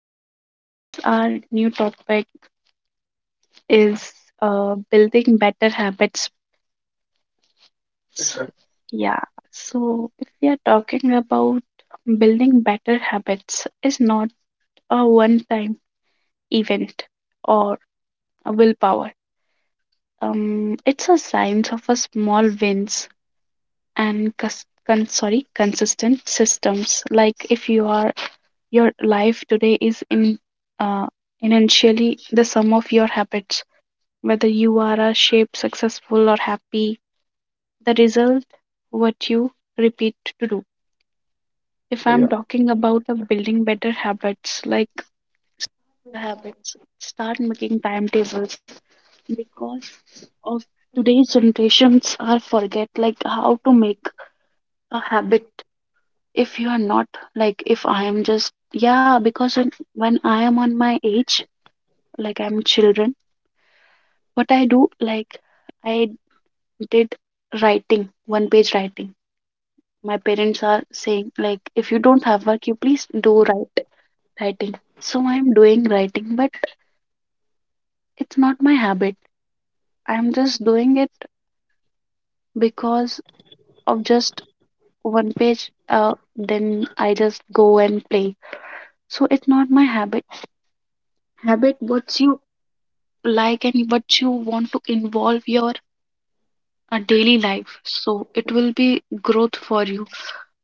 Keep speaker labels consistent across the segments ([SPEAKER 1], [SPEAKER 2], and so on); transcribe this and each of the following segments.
[SPEAKER 1] So, today's our new topic is building better habits.
[SPEAKER 2] Exactly.
[SPEAKER 1] Yeah. So, if we are talking about building better habits, is not a one time event or a willpower. It's a science of a small wins and cus- con- sorry consistent systems like if you are your life today is in uh, initially the sum of your habits, whether you are a shaped successful or happy, the result what you repeat to do. If I'm
[SPEAKER 2] Yeah,
[SPEAKER 1] talking about the building better habits, like the habits start making timetables because of today's generations are forget like how to make a habit. If you are not, like if I am just yeah because in, when I am on my age, like I'm children, what I do, like I did writing one page writing, my parents are saying like if you don't have work you please do write writing, so I'm doing writing but it's not my habit, I'm just doing it because of just one page then I just go and play, so it's not my habit. Habit what's you like and what you want to involve your daily life so it will be growth for you,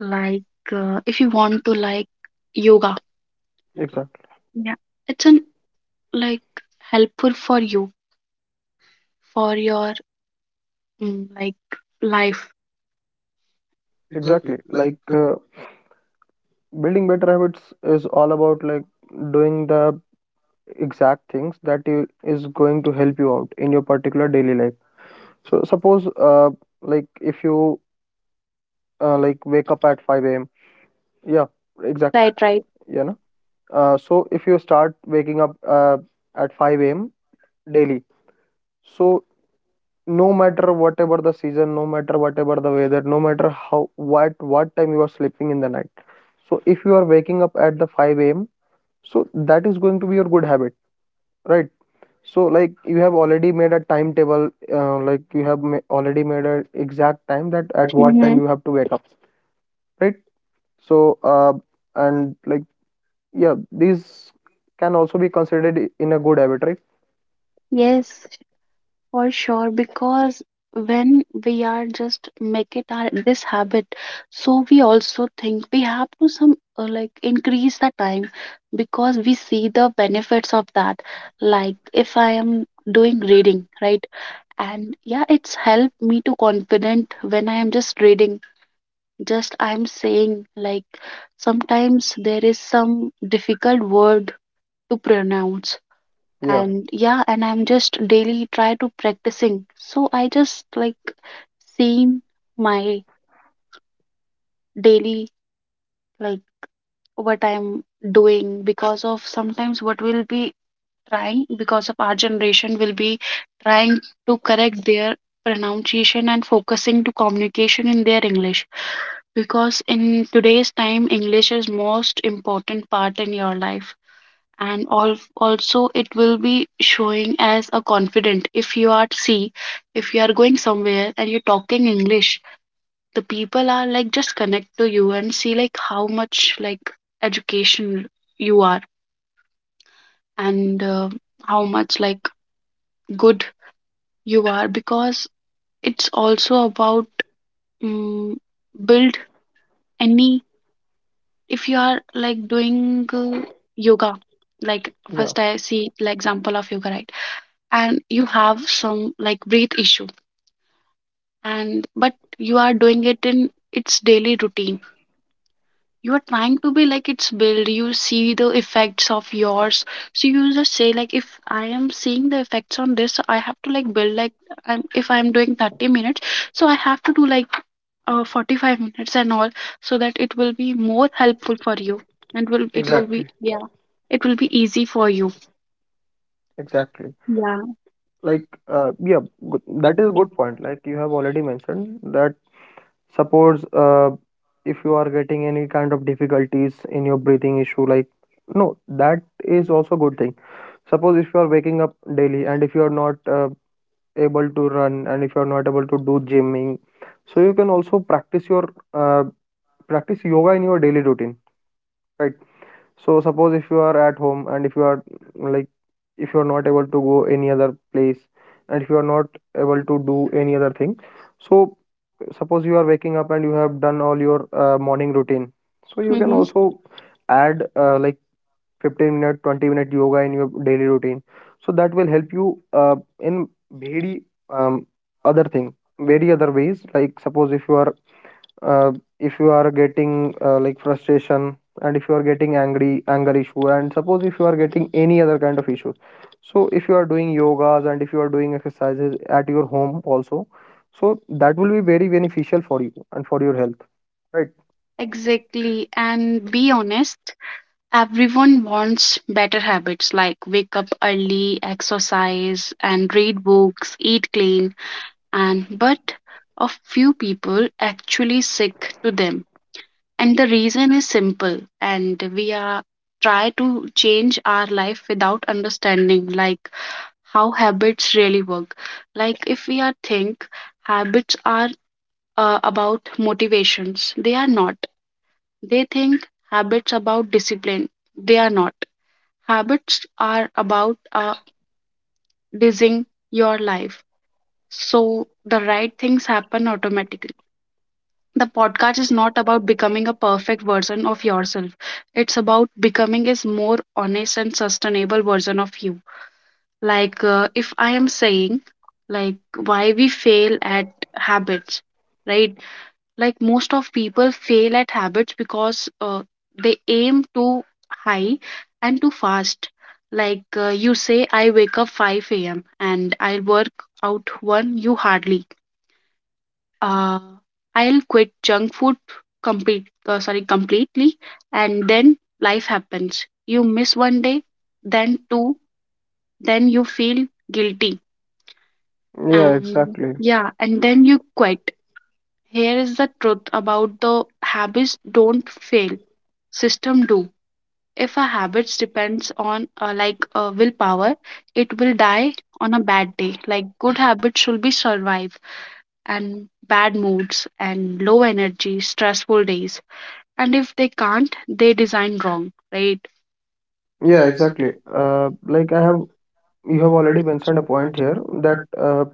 [SPEAKER 1] like if you want to like yoga,
[SPEAKER 2] exactly.
[SPEAKER 1] yeah it's an like helpful for you for your like life.
[SPEAKER 2] Exactly. Like building better habits is all about like doing the exact things that you is going to help you out in your particular daily life. So suppose like if you like wake up at 5 a.m. Yeah, exactly.
[SPEAKER 1] Right, right.
[SPEAKER 2] You know. So if you start waking up at 5 a.m. daily, so no matter whatever the season, no matter whatever the weather, no matter how what time you are sleeping in the night, so if you are waking up at the 5 a.m, so that is going to be your good habit, right? So like you have already made a timetable, like you have already made an exact time that
[SPEAKER 1] At
[SPEAKER 2] at
[SPEAKER 1] what
[SPEAKER 2] what
[SPEAKER 1] hmm.
[SPEAKER 2] time you have to wake up, right? So and like yeah, these can also be considered in a good habit, right?
[SPEAKER 1] Yes, for sure, because when we are just make it our this habit, so we also think we have to some like increase the time because we see the benefits of that. Like if I am doing reading, right? And yeah, it's helped me to confident when I am just reading. Just I'm saying like sometimes there is some difficult word to pronounce yeah.
[SPEAKER 2] Yeah,
[SPEAKER 1] And yeah and I'm just daily try to practicing so I just like seeing my daily, like what I'm doing because of sometimes what we'll be trying because of our generation will be trying to correct their pronunciation and focusing to communication in their English, because in today's time English is most important part in your life. And also it will be showing as a confident if you are see, if you are going somewhere and you're talking English, the people are like just connect to you and see like how much like education you are and how much like good you are, because it's also about um, build any, if you are like doing yoga, like yeah
[SPEAKER 2] yeah
[SPEAKER 1] first I see the example of yoga, right? And you have some like breath issue and but you are doing it in its daily routine, you are trying to be like its build, you see the effects of yours, so you just say like if I am seeing the effects on this I have to like build like, I'm, if I'm doing 30 minutes so I have to do like 45 minutes and all, so that it will be more helpful for you and will it will exactly
[SPEAKER 2] exactly.
[SPEAKER 1] be yeah, it will be easy for you
[SPEAKER 2] Exactly.
[SPEAKER 1] yeah.
[SPEAKER 2] like
[SPEAKER 1] Like
[SPEAKER 2] uh, yeah
[SPEAKER 1] that
[SPEAKER 2] that
[SPEAKER 1] is
[SPEAKER 2] is
[SPEAKER 1] a
[SPEAKER 2] a
[SPEAKER 1] good
[SPEAKER 2] good
[SPEAKER 1] point.
[SPEAKER 2] point, like you have already mentioned that. Suppose, if you are getting any kind of difficulties in your breathing issue, like, no, that is also good thing. Suppose if you are waking up daily and if you are not able to run and if you are not able to do gymming, so you can also uh, practice yoga in your daily routine, right? So suppose if you are at home and if you are like if you are not able to go any other place, and if you are not able to do any other thing, so suppose you are waking up and you have done all your morning routine.
[SPEAKER 1] So
[SPEAKER 2] So you can
[SPEAKER 1] you
[SPEAKER 2] also add like 15 minute, 20-minute yoga in your daily routine. So that will help you in very um, other thing, very other ways. Like suppose uh, if you are getting like frustration, and if you are getting angry anger issue, and suppose if you are getting any other kind of issues, so if you are doing yogas and if you are doing exercises at your home also, so that will be very beneficial for you and for your health, right?
[SPEAKER 1] exactly. And be honest, everyone wants better habits like wake up early, exercise, and read books, eat clean. And but a few people actually stick to them. And the reason is simple. And we are try to change our life without understanding like how habits really work. Like if we are think habits are about motivations, they are not. They think habits about discipline. They are not. Habits are about designing your life so the right things happen automatically. The podcast is not about becoming a perfect version of yourself. It's about becoming a more honest and sustainable version of you. Like if I am saying like why we fail at habits, right? Like most of people fail at habits because they aim too high and too fast. Like you say I wake up 5 a.m and I'll work out one you hardly uh, I'll quit junk food completely, and then life happens, you miss one day then two then you feel guilty. Yeah,
[SPEAKER 2] Yeah,
[SPEAKER 1] and exactly.
[SPEAKER 2] exactly.
[SPEAKER 1] Yeah and then you quit. Here is the truth about the habits don't fail, system do. If a habits depends on willpower, it will die on a bad day. Like good habits should be survive and bad moods and low energy stressful days, and if they can't they design wrong, right.
[SPEAKER 2] Yeah, exactly. Uh, like i have you have already mentioned a point here that
[SPEAKER 1] Right.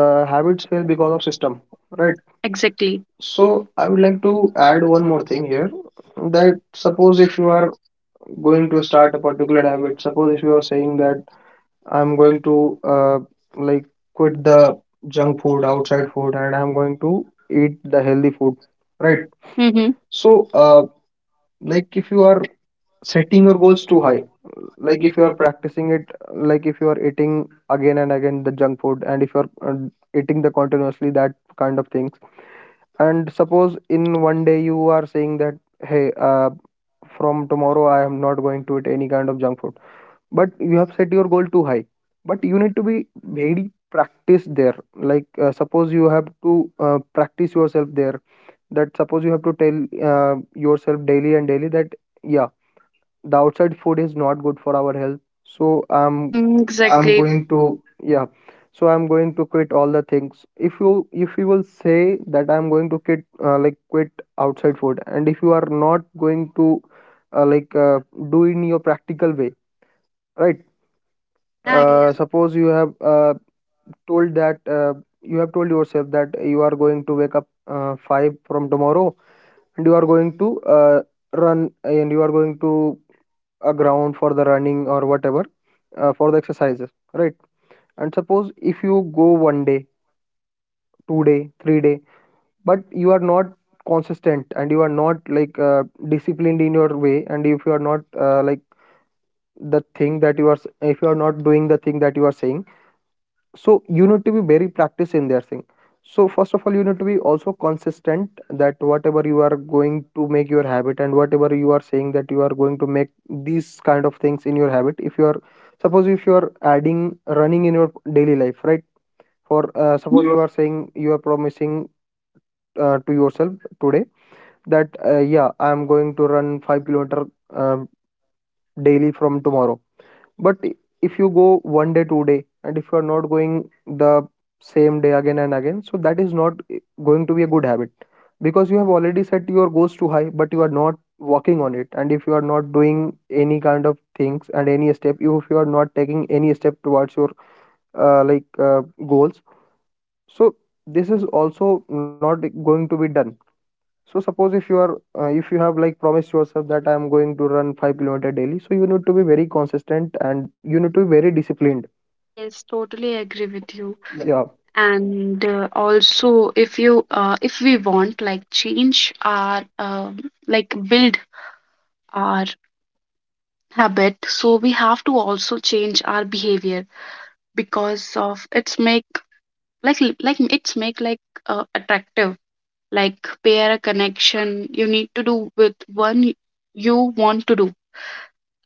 [SPEAKER 2] the habits fail because of system, right?
[SPEAKER 1] Exactly.
[SPEAKER 2] So
[SPEAKER 1] So
[SPEAKER 2] I
[SPEAKER 1] I
[SPEAKER 2] would
[SPEAKER 1] would
[SPEAKER 2] like
[SPEAKER 1] like
[SPEAKER 2] to
[SPEAKER 1] to
[SPEAKER 2] add
[SPEAKER 1] add
[SPEAKER 2] one
[SPEAKER 1] one
[SPEAKER 2] more
[SPEAKER 1] more
[SPEAKER 2] thing
[SPEAKER 1] thing
[SPEAKER 2] here,
[SPEAKER 1] here, that
[SPEAKER 2] that
[SPEAKER 1] suppose
[SPEAKER 2] suppose if
[SPEAKER 1] if
[SPEAKER 2] you
[SPEAKER 1] you
[SPEAKER 2] are going to start
[SPEAKER 1] start
[SPEAKER 2] a particular habit, suppose if you are saying that I'm going to like quit the
[SPEAKER 1] the
[SPEAKER 2] junk food, outside food, and I'm going to eat the healthy food, right?
[SPEAKER 1] mm-hmm.
[SPEAKER 2] So
[SPEAKER 1] uh
[SPEAKER 2] like
[SPEAKER 1] like
[SPEAKER 2] if
[SPEAKER 1] if
[SPEAKER 2] you
[SPEAKER 1] you are
[SPEAKER 2] are setting
[SPEAKER 1] setting
[SPEAKER 2] your
[SPEAKER 1] your
[SPEAKER 2] goals
[SPEAKER 1] goals
[SPEAKER 2] too
[SPEAKER 1] too
[SPEAKER 2] high,
[SPEAKER 1] high,
[SPEAKER 2] like if you are practicing it, like if you are eating again and again the junk food and if you are eating the continuously that kind of things, and suppose in one day you are saying that hey, from tomorrow I am not going to eat any kind of junk food, but you have set your goal too high. But you need to be very practiced there, like suppose you have to practice yourself there, that suppose you have to tell yourself daily and daily that yeah, the outside food is not good for our health, so i'm
[SPEAKER 1] mm-hmm, exactly. I'm
[SPEAKER 2] i'm
[SPEAKER 1] exactly
[SPEAKER 2] going
[SPEAKER 1] going
[SPEAKER 2] to,
[SPEAKER 1] to
[SPEAKER 2] yeah, so I'm going to quit all the things. If you, if you will say that I'm going to quit outside food, and if you are not going to uh, like uh, do in your practical way, right?
[SPEAKER 1] yeah
[SPEAKER 2] Suppose you have told that you have told yourself that you are going to wake up 5 from tomorrow, and you are going to run, and you are going to a ground for the running or whatever, for the exercises, right? And suppose if you go 1 day, 2 day, 3 day, but you are not consistent, and you are not like disciplined in your way, and if you are not the thing that you are s- if you are not doing the thing that you are saying, so you need to be very practiced in that thing. So first of all you need to be also consistent, that whatever you are going to make your habit and whatever you are saying that you are going to make these kind of things in your habit. If you are, suppose if you are adding running in your daily life, right? for
[SPEAKER 1] yeah
[SPEAKER 2] suppose you are
[SPEAKER 1] mhm.
[SPEAKER 2] saying, you are promising to yourself today that yeah, I am going to run 5 kilometer um, daily from tomorrow, but i- if you go 1 day, 2 day, and if you are not going the same day again and again, so that is not going to be a good habit, because you have already set your goals too high, but you are not working on it. And if you are not doing any kind of things and any step, if you are not taking any step towards your uh, like uh, goals, so this is also not going to be done. So suppose if you are if you have like promised yourself that I am going to run 5 kilometer daily, so you need to be very consistent and you need to be very disciplined.
[SPEAKER 1] Yes, totally agree with you.
[SPEAKER 2] Yeah,
[SPEAKER 1] Yeah. And also, if you if we want like change our like build our habit, so we have to also change our behavior because of its make like like it's make like attractive, like pair a connection you need to do with one you want to do.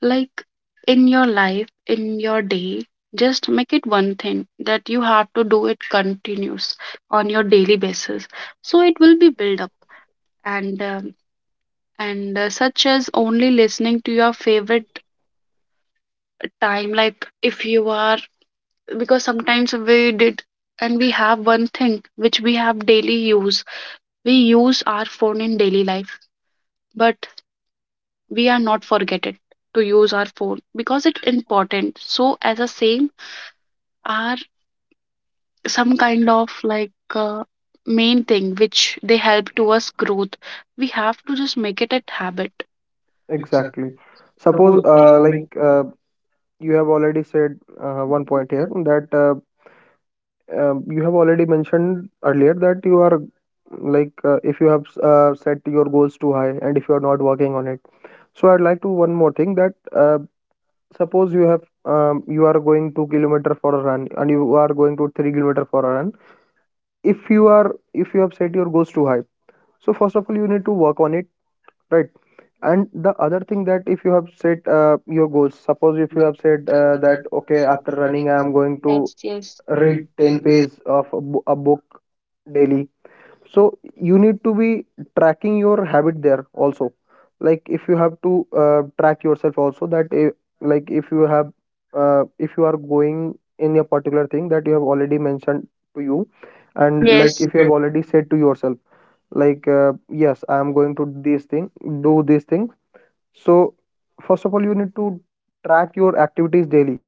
[SPEAKER 1] Like in your life, in your day, just make it one thing that you have to do it continuous on your daily basis. So it will be build up and um, and such as only listening to your favorite time. Like if you are, because sometimes we did and we have one thing which we have daily use. We use our phone in daily life, but we are not forget it to use our phone because it's important. So as a same our some kind of like uh, main thing which they help to us growth, we have to just make it a habit. Ex-
[SPEAKER 2] exactly. Suppose,
[SPEAKER 1] Suppose,
[SPEAKER 2] uh, like
[SPEAKER 1] like,
[SPEAKER 2] uh, you have already said one point here,
[SPEAKER 1] yeah,
[SPEAKER 2] that you have already mentioned earlier that you are like if you have set your goals too high and if you are not working on it. So I'd like to one more thing, that suppose you have you are going 2 kilometer for a run and you are going to 3 kilometer for a run. If you are, if you have set your goals too high, so first of all you need to work on it, right? And the other thing, that if you have set your goals, suppose if you have
[SPEAKER 1] you have
[SPEAKER 2] said
[SPEAKER 1] said,
[SPEAKER 2] that
[SPEAKER 1] that
[SPEAKER 2] okay, after
[SPEAKER 1] okay, after
[SPEAKER 2] running I am
[SPEAKER 1] running,
[SPEAKER 2] going to
[SPEAKER 1] yes yes
[SPEAKER 2] read
[SPEAKER 1] read
[SPEAKER 2] 10
[SPEAKER 1] 10
[SPEAKER 2] pages
[SPEAKER 1] pages,
[SPEAKER 2] of a, a book daily. So you need to be tracking your habit there also, like if you have to track yourself also that like if you have if you are going in a particular thing that you have already mentioned to you, and like
[SPEAKER 1] and like,
[SPEAKER 2] if you have
[SPEAKER 1] yes if
[SPEAKER 2] already
[SPEAKER 1] you
[SPEAKER 2] said to yourself like yes, I am going to this thing, do this thing. So first of all, you need to track your activities daily,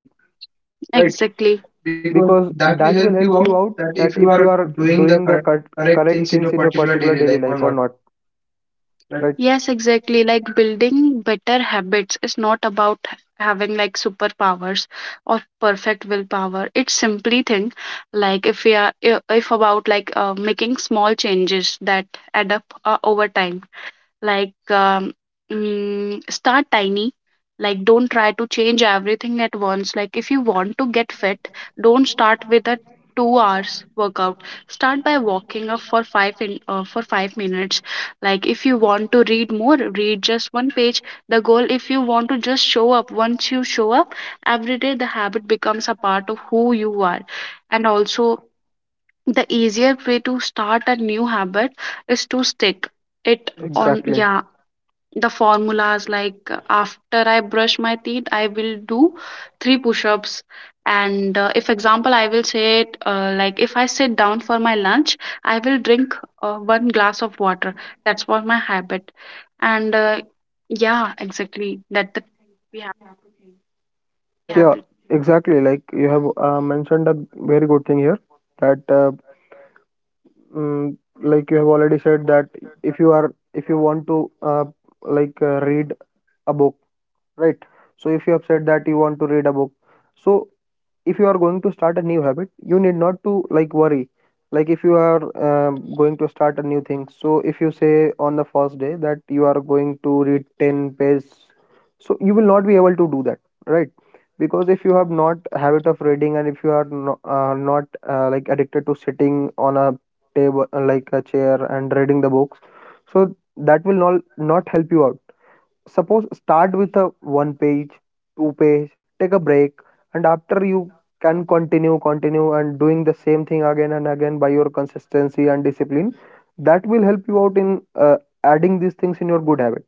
[SPEAKER 2] right?
[SPEAKER 1] like, exactly because
[SPEAKER 2] Because
[SPEAKER 1] that
[SPEAKER 2] that
[SPEAKER 1] will
[SPEAKER 2] will
[SPEAKER 1] help you
[SPEAKER 2] help
[SPEAKER 1] out
[SPEAKER 2] you out
[SPEAKER 1] that
[SPEAKER 2] that
[SPEAKER 1] if you
[SPEAKER 2] if you
[SPEAKER 1] are
[SPEAKER 2] are
[SPEAKER 1] doing the
[SPEAKER 2] doing the
[SPEAKER 1] correct
[SPEAKER 2] correct
[SPEAKER 1] things in
[SPEAKER 2] things
[SPEAKER 1] your
[SPEAKER 2] in your
[SPEAKER 1] particular
[SPEAKER 2] particular
[SPEAKER 1] daily
[SPEAKER 2] daily
[SPEAKER 1] life or
[SPEAKER 2] life or
[SPEAKER 1] not.
[SPEAKER 2] not, right?
[SPEAKER 1] Yes, exactly. Like building better habits is not about having like superpowers or perfect willpower. It's simply thing like if we are if about like making small changes that add up over time. Like start tiny. Like don't try to change everything at once. Like if you want to get fit, don't start with a 2 hour hours workout, start by walking up for 5 for 5 minutes. Like if you want to read more, read just one page. The goal if you want to just show up, once you show up every day the habit becomes a part of who you are. And also the easier way to start a new habit is to stick it on, exactly yeah.
[SPEAKER 2] Exactly.
[SPEAKER 1] The formulas like after I brush my teeth I will do three push-ups. And if example I will say it like if I sit down for my lunch I will drink one glass of water. That's what my habit. And yeah exactly that the, we have we yeah
[SPEAKER 2] Yeah,
[SPEAKER 1] have to
[SPEAKER 2] exactly. Like you have mentioned a very good thing here that, mm, like you have already said that if you are, if you want to read a book, right? So if you have said that you want to read a book, so if you are going to start a new habit you need not to like worry, like if you are going to start a new thing, so if you say on the first day that you are going to read 10 pages, so you will not be able to do that, right? Because if you have not habit of reading, and if you are not like addicted to sitting on a table like a chair and reading the books, so that will not help you out. Suppose start with a 1 page, 2 page, take a break, and after you can continue and doing the same thing again and again, by your consistency and discipline, that will help you out in adding these things in your good habit,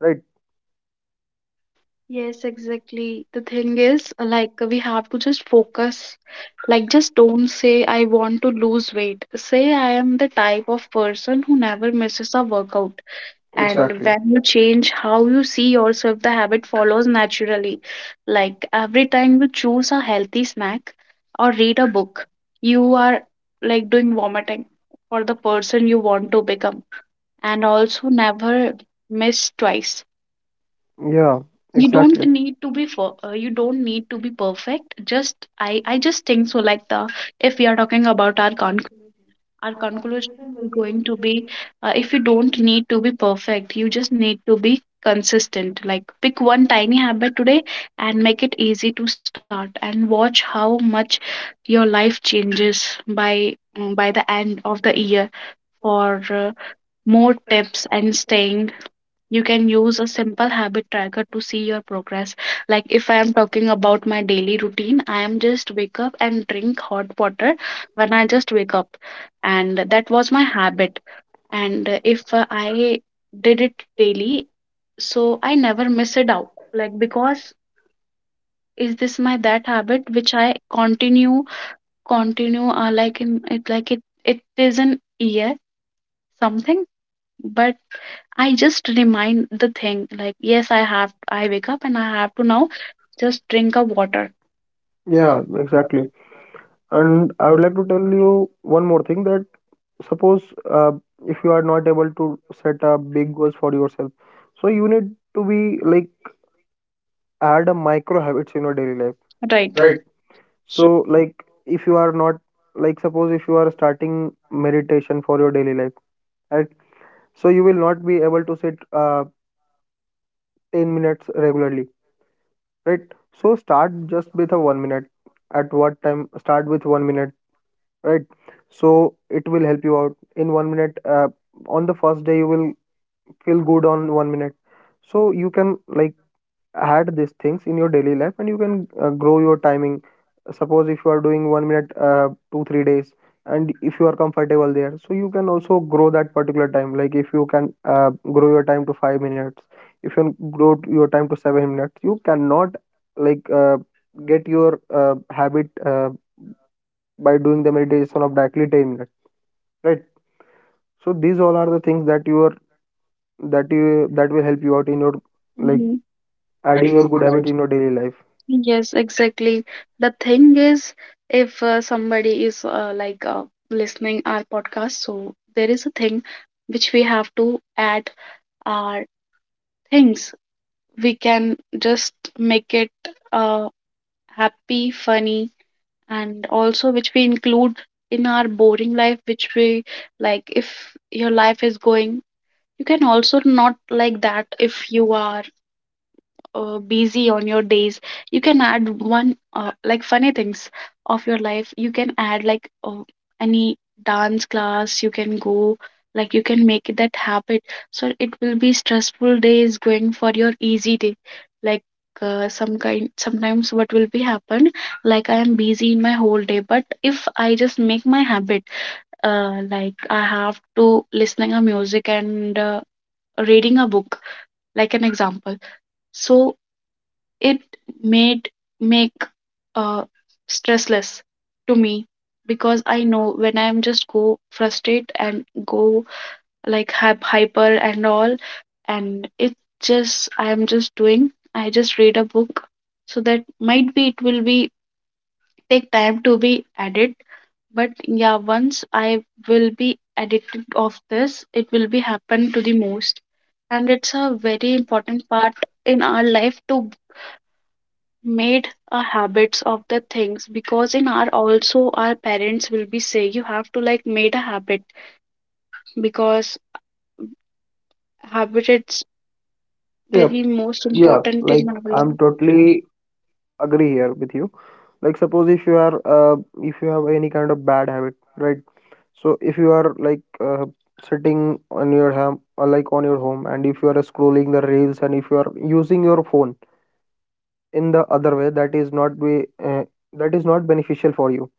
[SPEAKER 2] right?
[SPEAKER 1] yes exactly. The thing is like we have to just focus. Like just don't say I want to lose weight, say I am the type of person who never misses a workout. And exactly,
[SPEAKER 2] Exactly.
[SPEAKER 1] when you change how you see yourself, the habit follows naturally. Like every time you choose a healthy snack or read a book, you are like doing vomiting for the person you want to become. And also never miss twice.
[SPEAKER 2] Yeah,
[SPEAKER 1] You exactly don't
[SPEAKER 2] exactly.
[SPEAKER 1] exactly need to be for you don't need to be perfect. Just I just think so. Like the if we are talking about our conclusion is going to be if you don't need to be perfect you just need to be consistent. Like pick one tiny habit today and make it easy to start and watch how much your life changes by by the end of the year. For more tips and staying, you can use a simple habit tracker to see your progress. Like if I am talking about my daily routine, I am just wake up and drink hot water when I just wake up. And that was my habit. And if I did it daily, so I never miss it out. Like because is this my that habit which I continue like in it like it is an year something, but I just remind the thing like yes I have I wake up and I have to now just drink a water.
[SPEAKER 2] Yeah,
[SPEAKER 1] Yeah.
[SPEAKER 2] exactly.
[SPEAKER 1] um,
[SPEAKER 2] And I would like to tell you one more thing, that suppose uh, if you are not able to set a big goals for yourself, so you need to be like add a micro habits in your daily life,
[SPEAKER 1] right.
[SPEAKER 2] right?
[SPEAKER 1] Right. So
[SPEAKER 2] So like if you are not like, suppose if you are starting meditation for your daily life, right? So you will not be able to sit 10 minutes regularly, right? So start just with a 1 minute, at what time start with 1 minute, right? So it will help you out in 1 minute on the first day. You will feel good on 1 minute, so you can like add these things in your daily life, and you can grow your timing. Suppose if you are doing 1 minute 2 3 days and if you are comfortable there, so you can also grow that particular time. Like if you can grow your time to 5 minutes, if you can grow your time to 7 minutes, you cannot like get your habit by doing the meditation of directly 10 minutes, right? So these all are the things that you are, that you, that will
[SPEAKER 1] that
[SPEAKER 2] help you
[SPEAKER 1] you are
[SPEAKER 2] out in your like,
[SPEAKER 1] mhm
[SPEAKER 2] adding your
[SPEAKER 1] adding.
[SPEAKER 2] good habit in your daily life.
[SPEAKER 1] Yes, exactly. The thing is, if somebody is listening our podcast, so there is a thing which we have to add our things. We can just make it happy, funny, and also which we include in our boring life which we, like if your life is going you can also not like that, if you are busy on your days you can add one like funny things of your life, you can add like any dance class you can go, like you can make it that habit so it will be stressful days going for your easy day. Like some kind sometimes what will be happen, like I am busy in my whole day but if I just make my habit like I have to listening a music and reading a book, like an example, so it made make uh, stressless to me because I know when I'm just go frustrate and go like have hyper and all, and it just I'm just doing I just read a book. So that might be it will be take time to be added, but yeah once I will be addicted of this it will be happen to the most. And it's a very important part in our life to made a habits of the things, because in our also our parents will be say you have to like made a habit, because habit is
[SPEAKER 2] Yeah,
[SPEAKER 1] yeah very most yeah
[SPEAKER 2] yeah.
[SPEAKER 1] important like
[SPEAKER 2] Like,
[SPEAKER 1] in our
[SPEAKER 2] I'm
[SPEAKER 1] life
[SPEAKER 2] totally
[SPEAKER 1] really.
[SPEAKER 2] agree here with you. Like suppose if you are if you have any kind of bad habit, right? So if you are like sitting on your ham, or like on your home, and if you are scrolling the reels, and if you are using your phone in the other way, that is not be that is not beneficial for you.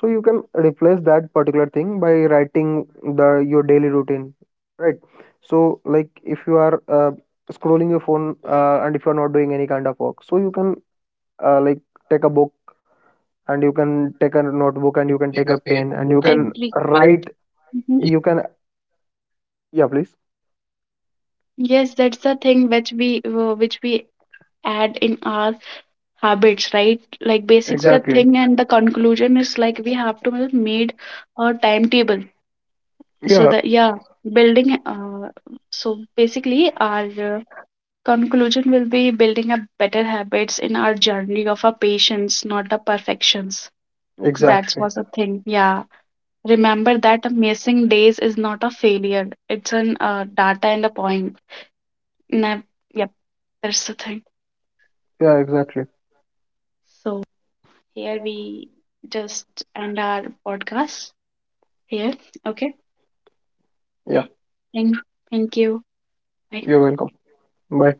[SPEAKER 2] So you can replace that particular thing by writing the your daily routine, right? So like if you are scrolling your phone and if you are not doing any kind of work, so you can like take a book, and you can take a notebook, and you can take a pen, and you
[SPEAKER 1] You can
[SPEAKER 2] can
[SPEAKER 1] every
[SPEAKER 2] write.
[SPEAKER 1] write. Mhm.
[SPEAKER 2] You can, yeah, please.
[SPEAKER 1] Yes, that's the thing which we add in our habits, right? Like basics the exactly
[SPEAKER 2] Exactly.
[SPEAKER 1] thing, and the conclusion is like we have to have made a timetable so
[SPEAKER 2] Yeah,
[SPEAKER 1] yeah, that yeah, building so basically our conclusion will be building up better habits in our journey of a patience, not a perfections. That exactly
[SPEAKER 2] exactly.
[SPEAKER 1] was a thing. Yeah. Remember that a missing days is not a failure. It's an data and a point. Nev- yep, that's the thing.
[SPEAKER 2] Yeah, exactly.
[SPEAKER 1] So here we just end our podcast here. Okay. Yeah.
[SPEAKER 2] Yeah,
[SPEAKER 1] Thank, thank you. Bye.
[SPEAKER 2] you're
[SPEAKER 1] You're
[SPEAKER 2] welcome. Bye.